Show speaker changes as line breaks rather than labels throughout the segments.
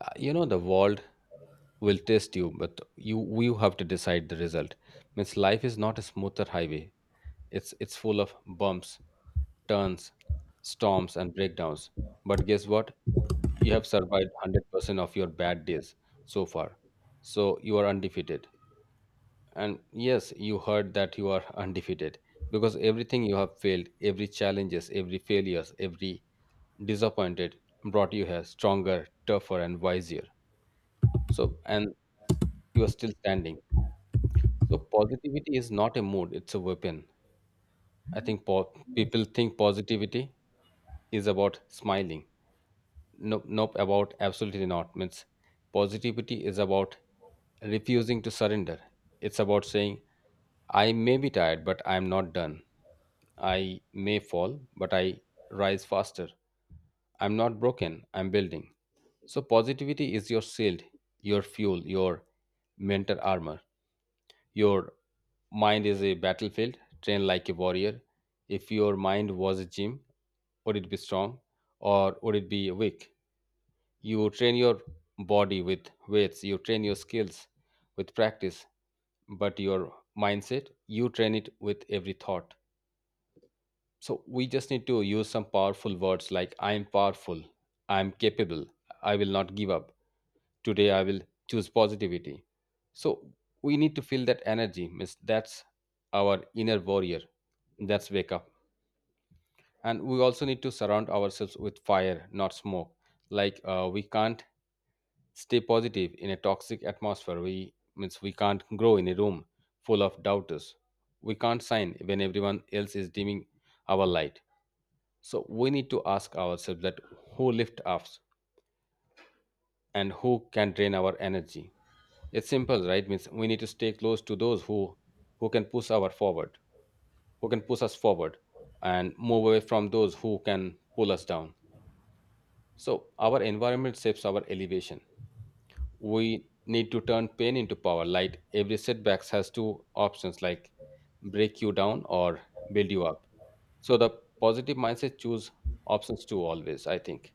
You know the world will test you, but you have to decide the result. Means life is not a smoother highway. It's full of bumps, turns, storms, and breakdowns. But guess what? You have survived 100% of your bad days so far. So you are undefeated. And yes, you heard that you are undefeated because everything you have failed, every challenges, every failures, every disappointed brought you here stronger, tougher, and wiser. So, and you are still standing. So, positivity is not a mood, it's a weapon. I think people think positivity is about smiling. Nope, nope, about absolutely not. Means positivity is about refusing to surrender. It's about saying, I may be tired, but I'm not done. I may fall, but I rise faster. I'm not broken, I'm building. So, positivity is your shield, your fuel, your mental armor. Your mind is a battlefield, train like a warrior. If your mind was a gym, would it be strong or would it be weak? You train your body with weights, you train your skills with practice, but your mindset, you train it with every thought. So we just need to use some powerful words like I am powerful, I am capable, I will not give up. Today I will choose positivity. So we need to feel that energy. Means that's our inner warrior. That's wake up. And we also need to surround ourselves with fire, not smoke. Like we can't stay positive in a toxic atmosphere. We means we can't grow in a room full of doubters. We can't shine when everyone else is dimming our light, so we need to ask ourselves that who lift us and who can drain our energy. It's simple, right? Means we need to stay close to those who can push our forward, who can push us forward, and move away from those who can pull us down. So our environment shapes our elevation. We need to turn pain into power. Like every setbacks has two options, like break you down or build you up. So the positive mindset choose options two always, I think.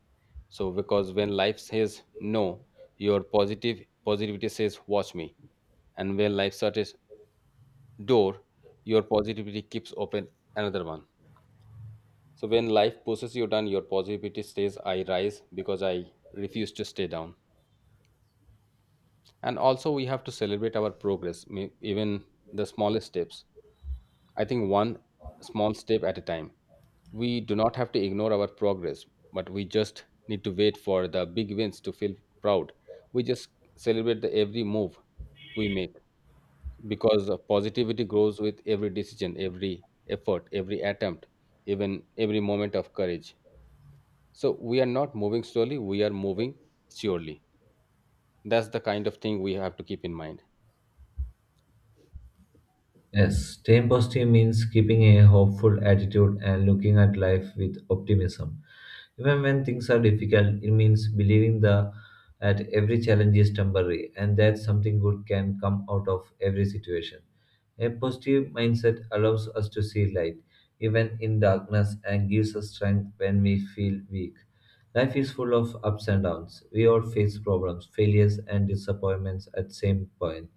So because when life says no, your positive positivity says watch me. And when life shuts door, your positivity keeps open another one. So when life pushes you down, your positivity says I rise because I refuse to stay down. And also we have to celebrate our progress, even the smallest steps. I think one small step at a time, we do not have to ignore our progress, but we just need to wait for the big wins to feel proud. We just celebrate the every move we make, because of positivity grows with every decision, every effort, every attempt, even every moment of courage. So we are not moving slowly, we are moving surely. That's the kind of thing we have to keep in mind.
Yes, staying positive means keeping a hopeful attitude and looking at life with optimism. Even when things are difficult, it means that every challenge is temporary and that something good can come out of every situation. A positive mindset allows us to see light, even in darkness, and gives us strength when we feel weak. Life is full of ups and downs. We all face problems, failures, and disappointments at same point.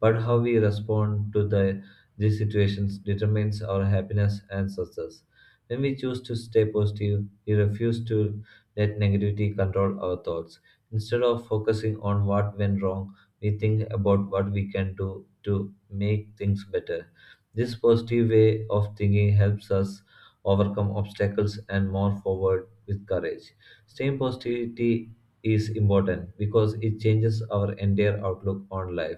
But how we respond to these situations determines our happiness and success. When we choose to stay positive, we refuse to let negativity control our thoughts. Instead of focusing on what went wrong, we think about what we can do to make things better. This positive way of thinking helps us overcome obstacles and move forward with courage. Staying positivity is important because it changes our entire outlook on life.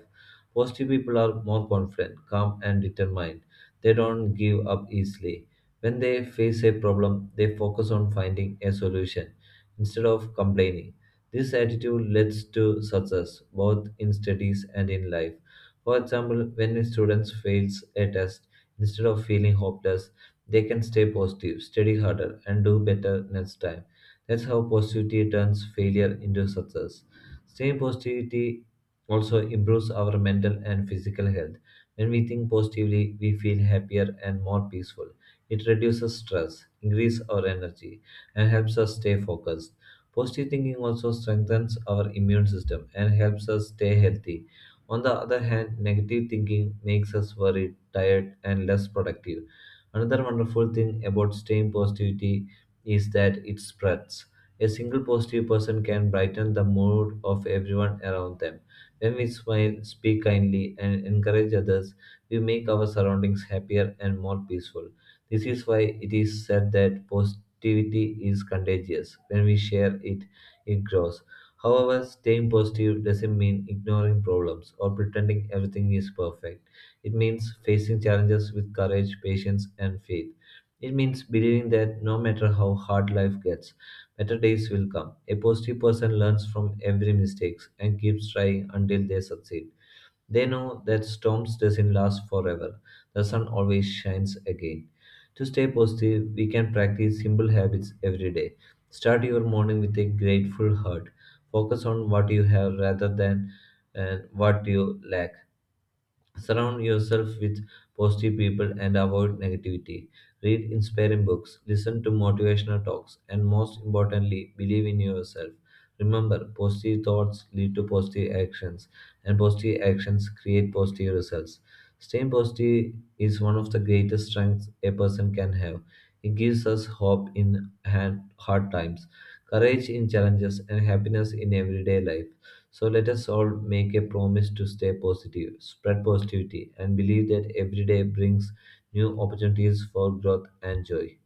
Positive people are more confident, calm, and determined. They don't give up easily. When they face a problem, they focus on finding a solution instead of complaining. This attitude leads to success both in studies and in life. For example, when a student fails a test, instead of feeling hopeless, they can stay positive, study harder, and do better next time. That's how positivity turns failure into success. Staying positivity also improves our mental and physical health. When we think positively, we feel happier and more peaceful. It reduces stress, increases our energy, and helps us stay focused. Positive thinking also strengthens our immune system and helps us stay healthy. On the other hand, negative thinking makes us worried, tired, and less productive. Another wonderful thing about staying positivity is that it spreads. A single positive person can brighten the mood of everyone around them. When we smile, speak kindly, and encourage others, we make our surroundings happier and more peaceful. This is why it is said that positivity is contagious. When we share it, it grows. However, staying positive doesn't mean ignoring problems or pretending everything is perfect. It means facing challenges with courage, patience, and faith. It means believing that no matter how hard life gets, better days will come. A positive person learns from every mistake and keeps trying until they succeed. They know that storms doesn't last forever. The sun always shines again. To stay positive, we can practice simple habits every day. Start your morning with a grateful heart. Focus on what you have rather than what you lack. Surround yourself with positive people and avoid negativity. Read inspiring books, listen to motivational talks, and most importantly, believe in yourself. Remember, positive thoughts lead to positive actions, and positive actions create positive results. Staying positive is one of the greatest strengths a person can have. It gives us hope in hard times, courage in challenges, and happiness in everyday life. So let us all make a promise to stay positive, spread positivity, and believe that every day brings new opportunities for growth and joy.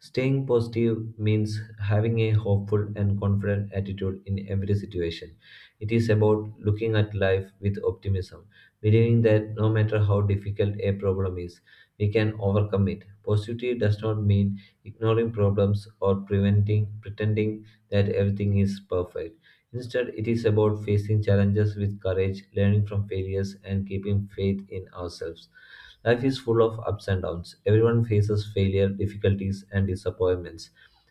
Staying positive means having a hopeful and confident attitude in every situation. It is about looking at life with optimism, believing that no matter how difficult a problem is, we can overcome it. Positivity does not mean ignoring problems or preventing pretending that everything is perfect. Instead, it is about facing challenges with courage, learning from failures, and keeping faith in ourselves. Life is full of ups and downs. Everyone faces failure, difficulties, and disappointments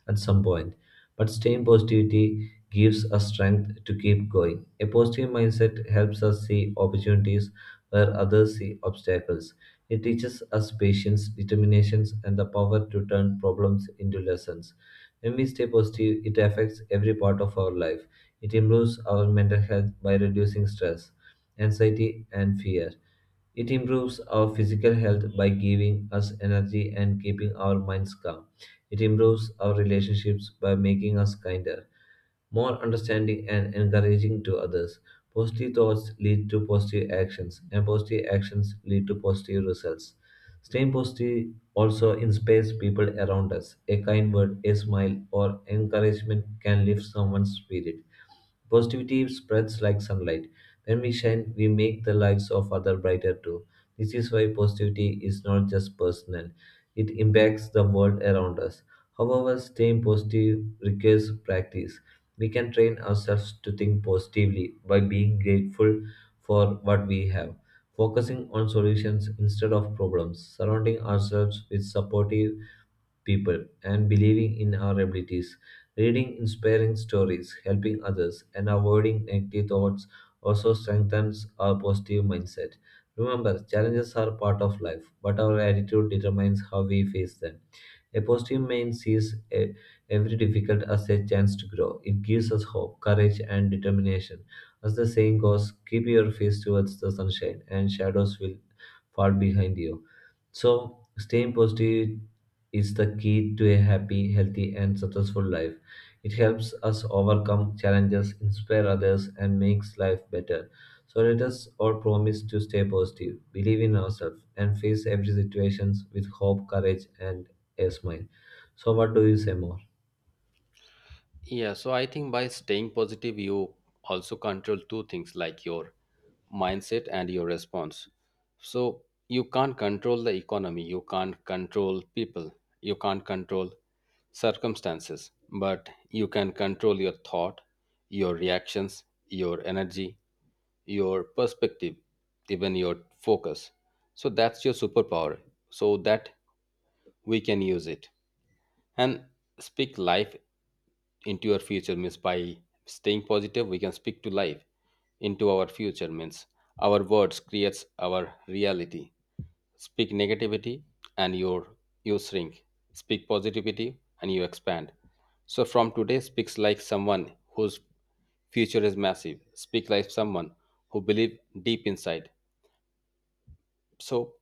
at some point. But staying positivity gives us strength to keep going. A positive mindset helps us see opportunities where others see obstacles. It teaches us patience, determination, and the power to turn problems into lessons. When we stay positive, it affects every part of our life. It improves our mental health by reducing stress, anxiety, and fear. It improves our physical health by giving us energy and keeping our minds calm. It improves our relationships by making us kinder, more understanding, and encouraging to others. Positive thoughts lead to positive actions, and positive actions lead to positive results. Staying positive also inspires people around us. A kind word, a smile, or encouragement can lift someone's spirit. Positivity spreads like sunlight. When we shine, we make the lives of others brighter too. This is why positivity is not just personal, it impacts the world around us. However, staying positive requires practice. We can train ourselves to think positively by being grateful for what we have, focusing on solutions instead of problems, surrounding ourselves with supportive people and believing in our abilities, reading inspiring stories, helping others, and avoiding negative thoughts also strengthens our positive mindset. Remember, challenges are part of life, but our attitude determines how we face them. A positive mind sees every difficult as a chance to grow. It gives us hope, courage, and determination. As the saying goes, keep your face towards the sunshine, and shadows will fall behind you. So, staying positive is the key to a happy, healthy, and successful life. It helps us overcome challenges, inspire others, and makes life better. So, let us all promise to stay positive, believe in ourselves, and face every situation with hope, courage, and a smile. So, what do you say more?
Yeah, so I think by staying positive, you also control two things like your mindset and your response. So you can't control the economy, you can't control people, you can't control circumstances, but you can control your thought, your reactions, your energy, your perspective, even your focus. So that's your superpower, so that we can use it and speak life into your future. Means by staying positive we can speak to life into our future. Means our words creates our reality. Speak negativity and your, you shrink. Speak positivity and you expand. So from today, speaks like someone whose future is massive, speak like someone who believe deep inside. So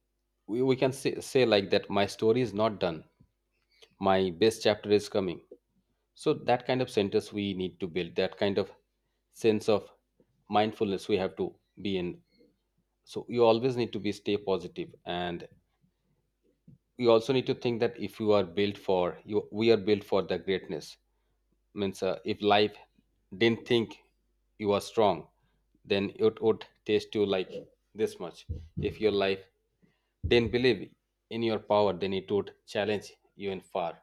we can say like that, my story is not done, my best chapter is coming. So that kind of centers we need to build, that kind of sense of mindfulness we have to be in. So you always need to be stay positive, and you also need to think that if you are built for you, we are built for the greatness. Means if life didn't think you are strong, then it would taste you like this much. If your life didn't believe in your power, then it would challenge you in far.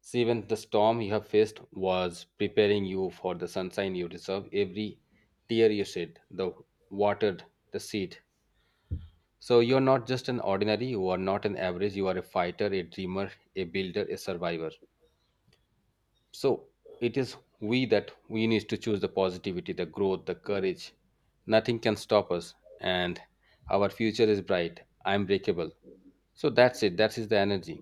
See, even the storm you have faced was preparing you for the sunshine you deserve. Every tear you shed, the watered the seed. So you're not just an ordinary, you are not an average, you are a fighter, a dreamer, a builder, a survivor. So it is we that we need to choose the positivity, the growth, the courage. Nothing can stop us, and our future is bright, unbreakable. So that's it, that is the energy.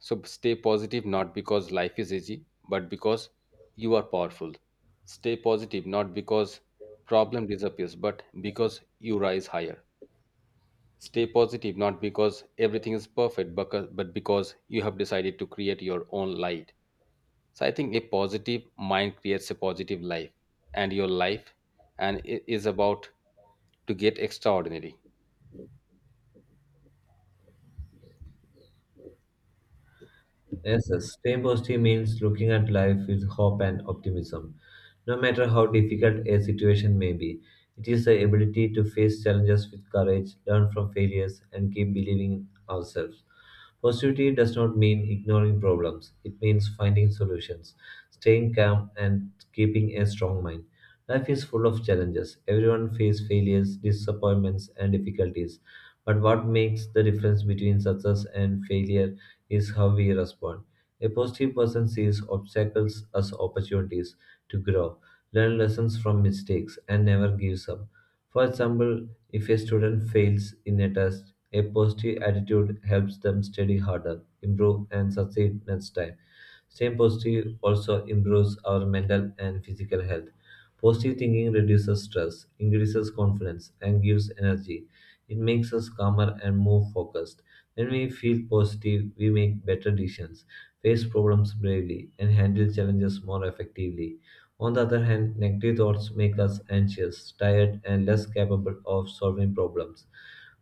So stay positive not because life is easy, but because you are powerful. Stay positive not because problem disappears, but because you rise higher. Stay positive not because everything is perfect, but because you have decided to create your own light. So I think a positive mind creates a positive life, and your life, and it is about to get extraordinary.
Yes, yes. Staying positive means looking at life with hope and optimism. No matter how difficult a situation may be, it is the ability to face challenges with courage, learn from failures, and keep believing in ourselves. Positivity does not mean ignoring problems, it means finding solutions, staying calm, and keeping a strong mind. Life is full of challenges. Everyone faces failures, disappointments, and difficulties. But what makes the difference between success and failure is how we respond. A positive person sees obstacles as opportunities to grow, learn lessons from mistakes, and never gives up. For example, if a student fails in a test, a positive attitude helps them study harder, improve, and succeed next time. Staying positive also improves our mental and physical health. Positive thinking reduces stress, increases confidence, and gives energy. It makes us calmer and more focused. When we feel positive, we make better decisions, face problems bravely, and handle challenges more effectively. On the other hand, negative thoughts make us anxious, tired, and less capable of solving problems.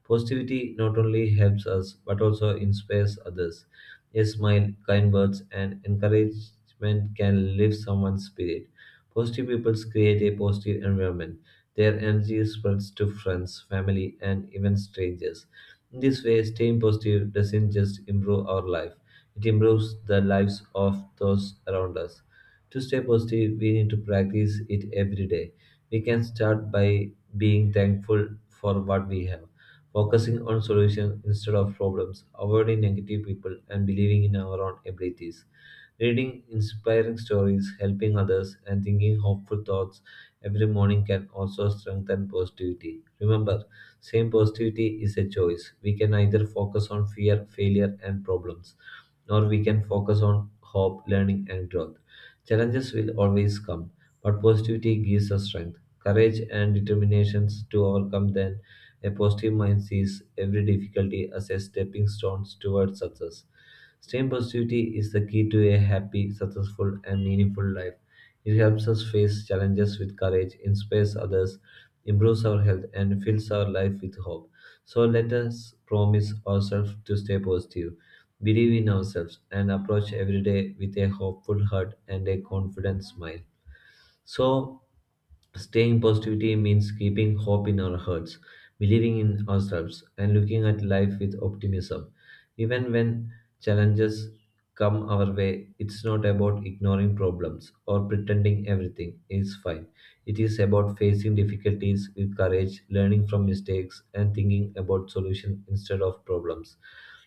Positivity not only helps us but also inspires others. A smile, kind words, and encouragement can lift someone's spirit. Positive people create a positive environment, their energy spreads to friends, family, and even strangers. In this way, staying positive doesn't just improve our life, it improves the lives of those around us. To stay positive, we need to practice it every day. We can start by being thankful for what we have, focusing on solutions instead of problems, avoiding negative people, and believing in our own abilities. Reading inspiring stories, helping others, and thinking hopeful thoughts every morning can also strengthen positivity. Remember, same positivity is a choice. We can either focus on fear, failure, and problems, or we can focus on hope, learning, and growth. Challenges will always come, but positivity gives us strength, courage, and determination to overcome them. A positive mind sees every difficulty as a stepping stone towards success. Staying positivity is the key to a happy, successful, and meaningful life. It helps us face challenges with courage, inspires others, improves our health, and fills our life with hope. So let us promise ourselves to stay positive, believe in ourselves, and approach every day with a hopeful heart and a confident smile. So, staying positivity means keeping hope in our hearts, believing in ourselves, and looking at life with optimism. Even when challenges come our way, it's not about ignoring problems or pretending everything is fine. It is about facing difficulties with courage, learning from mistakes, and thinking about solutions instead of problems.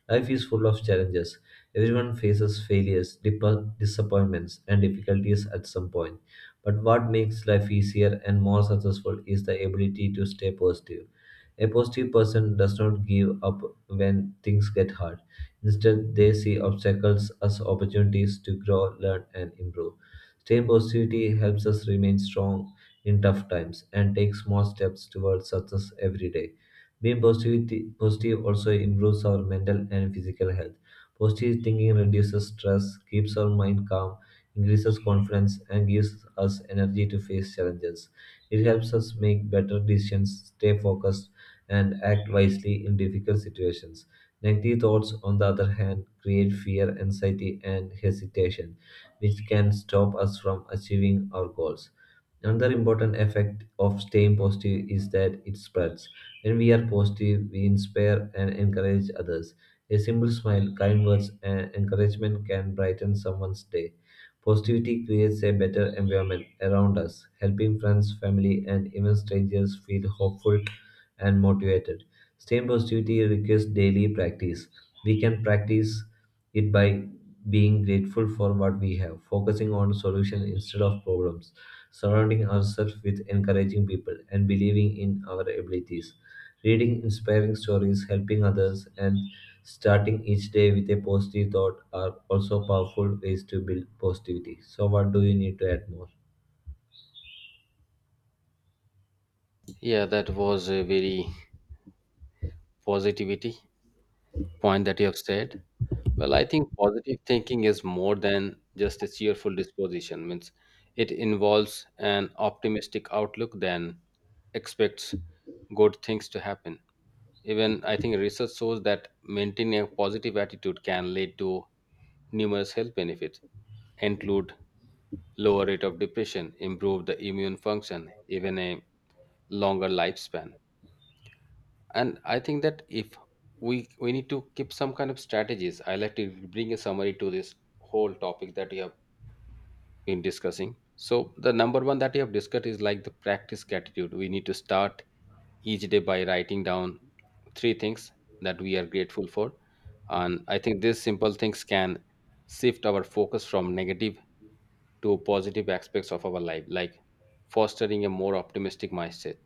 Life is full of challenges. Everyone faces failures, disappointments, and difficulties at some point. But what makes life easier and more successful is the ability to stay positive. A positive person does not give up when things get hard. Instead, they see obstacles as opportunities to grow, learn, and improve. Staying positivity helps us remain strong in tough times and take small steps towards success every day. Being positive also improves our mental and physical health. Positive thinking reduces stress, keeps our mind calm, increases confidence, and gives us energy to face challenges. It helps us make better decisions, stay focused, and act wisely in difficult situations. Negative thoughts, on the other hand, create fear, anxiety, and hesitation, which can stop us from achieving our goals. Another important effect of staying positive is that it spreads. When we are positive, we inspire and encourage others. A simple smile, kind words, and encouragement can brighten someone's day. Positivity creates a better environment around us, helping friends, family, and even strangers feel hopeful and motivated. Staying positivity requires daily practice. We can practice it by being grateful for what we have, focusing on solutions instead of problems, surrounding ourselves with encouraging people, and believing in our abilities. Reading inspiring stories, helping others, and starting each day with a positive thought are also powerful ways to build positivity. So, what do you need to add more?
Yeah, that was a very positivity point that you have said. Well, I think positive thinking is more than just a cheerful disposition. Means it involves an optimistic outlook than expects good things to happen. Even I think research shows that maintaining a positive attitude can lead to numerous health benefits, include lower rate of depression, improve the immune function, even a longer lifespan. And I think that if we need to keep some kind of strategies, I like to bring a summary to this whole topic that you have been discussing. So the number one that you have discussed is like the practice gratitude. We need to start each day by writing down three things that we are grateful for, and I think these simple things can shift our focus from negative to positive aspects of our life, like fostering a more optimistic mindset.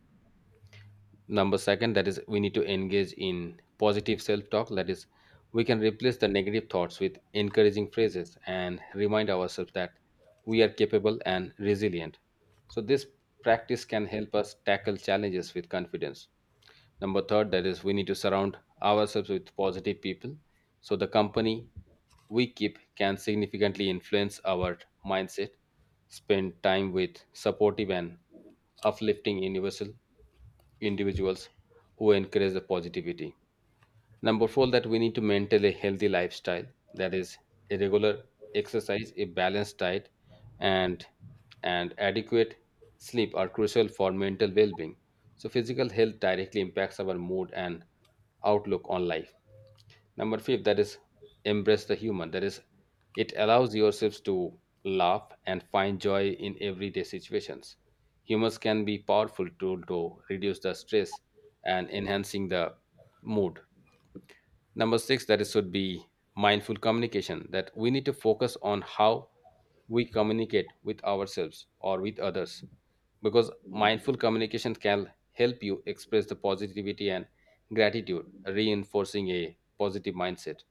Number second, that is we need to engage in positive self talk. That is, we can replace the negative thoughts with encouraging phrases and remind ourselves that we are capable and resilient. So this practice can help us tackle challenges with confidence. Number third, that is we need to surround ourselves with positive people. So the company we keep can significantly influence our mindset. Spend time with supportive and uplifting universal individuals who encourage the positivity. Number four, that we need to maintain a healthy lifestyle. That is, a regular exercise, a balanced diet, and adequate sleep are crucial for mental well-being. So physical health directly impacts our mood and outlook on life. Number five, that is embrace the human. That is, it allows yourselves to laugh and find joy in everyday situations. Humors can be powerful tool to reduce the stress and enhancing the mood. Number six, that is should be mindful communication. That we need to focus on how we communicate with ourselves or with others, because mindful communication can help you express the positivity and gratitude, reinforcing a positive mindset.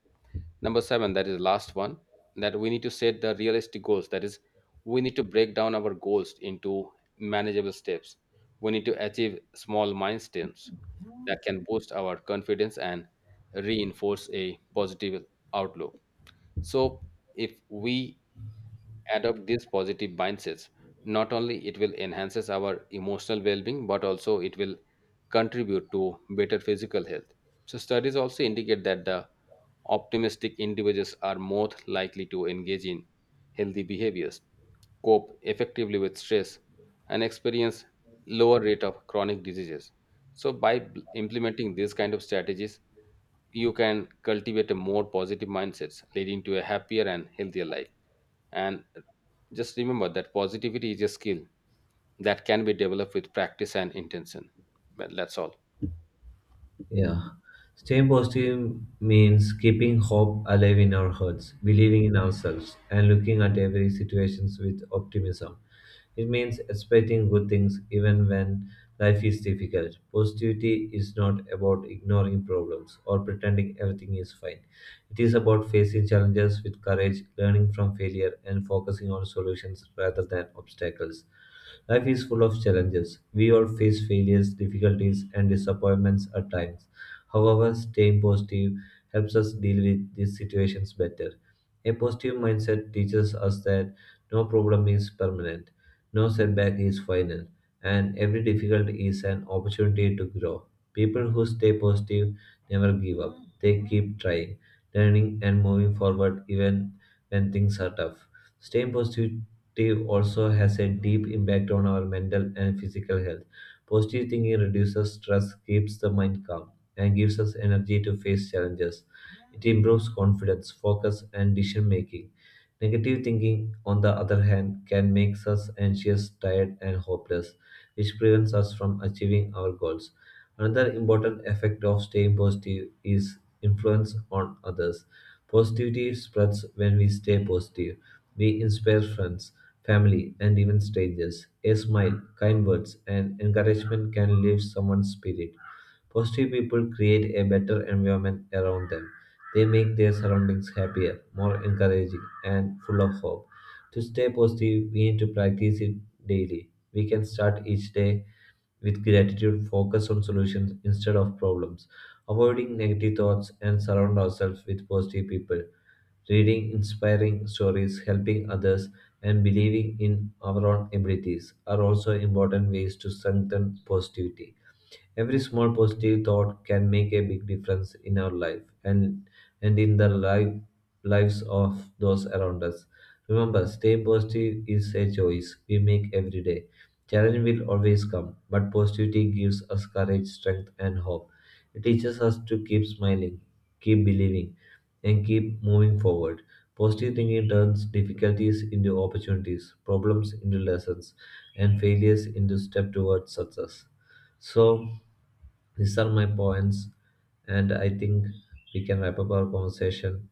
Number seven, that is the last one, that we need to set the realistic goals. That is, we need to break down our goals into manageable steps. We need to achieve small milestones that can boost our confidence and reinforce a positive outlook. So, if we adopt these positive mindsets, not only it will enhances our emotional well-being, but also it will contribute to better physical health. So studies also indicate that the optimistic individuals are more likely to engage in healthy behaviors, cope effectively with stress, and experience lower rate of chronic diseases. So by implementing these kind of strategies, you can cultivate a more positive mindsets, leading to a happier and healthier life. And just remember that positivity is a skill that can be developed with practice and intention. Well, that's all.
Yeah. Staying positive means keeping hope alive in our hearts, believing in ourselves, and looking at every situation with optimism. It means expecting good things even when life is difficult. Positivity is not about ignoring problems or pretending everything is fine. It is about facing challenges with courage, learning from failure, and focusing on solutions rather than obstacles. Life is full of challenges. We all face failures, difficulties, and disappointments at times. However, staying positive helps us deal with these situations better. A positive mindset teaches us that no problem is permanent, no setback is final, and every difficulty is an opportunity to grow. People who stay positive never give up. They keep trying, learning, and moving forward even when things are tough. Staying positive also has a deep impact on our mental and physical health. Positive thinking reduces stress, keeps the mind calm, and gives us energy to face challenges. It improves confidence, focus, and decision making. Negative thinking, on the other hand, can make us anxious, tired, and hopeless, which prevents us from achieving our goals. Another important effect of staying positive is influence on others. Positivity spreads when we stay positive. We inspire friends, family, and even strangers. A smile, kind words, and encouragement can lift someone's spirit. Positive people create a better environment around them. They make their surroundings happier, more encouraging, and full of hope. To stay positive, we need to practice it daily. We can start each day with gratitude, focus on solutions instead of problems, avoiding negative thoughts, and surround ourselves with positive people. Reading inspiring stories, helping others, and believing in our own abilities are also important ways to strengthen positivity. Every small positive thought can make a big difference in our life and in the lives of those around us. Remember, staying positive is a choice we make every day. Challenge will always come, but positivity gives us courage, strength, and hope. It teaches us to keep smiling, keep believing, and keep moving forward. Positive thinking turns difficulties into opportunities, problems into lessons, and failures into step towards success. So these are my points, and I think we can wrap up our conversation.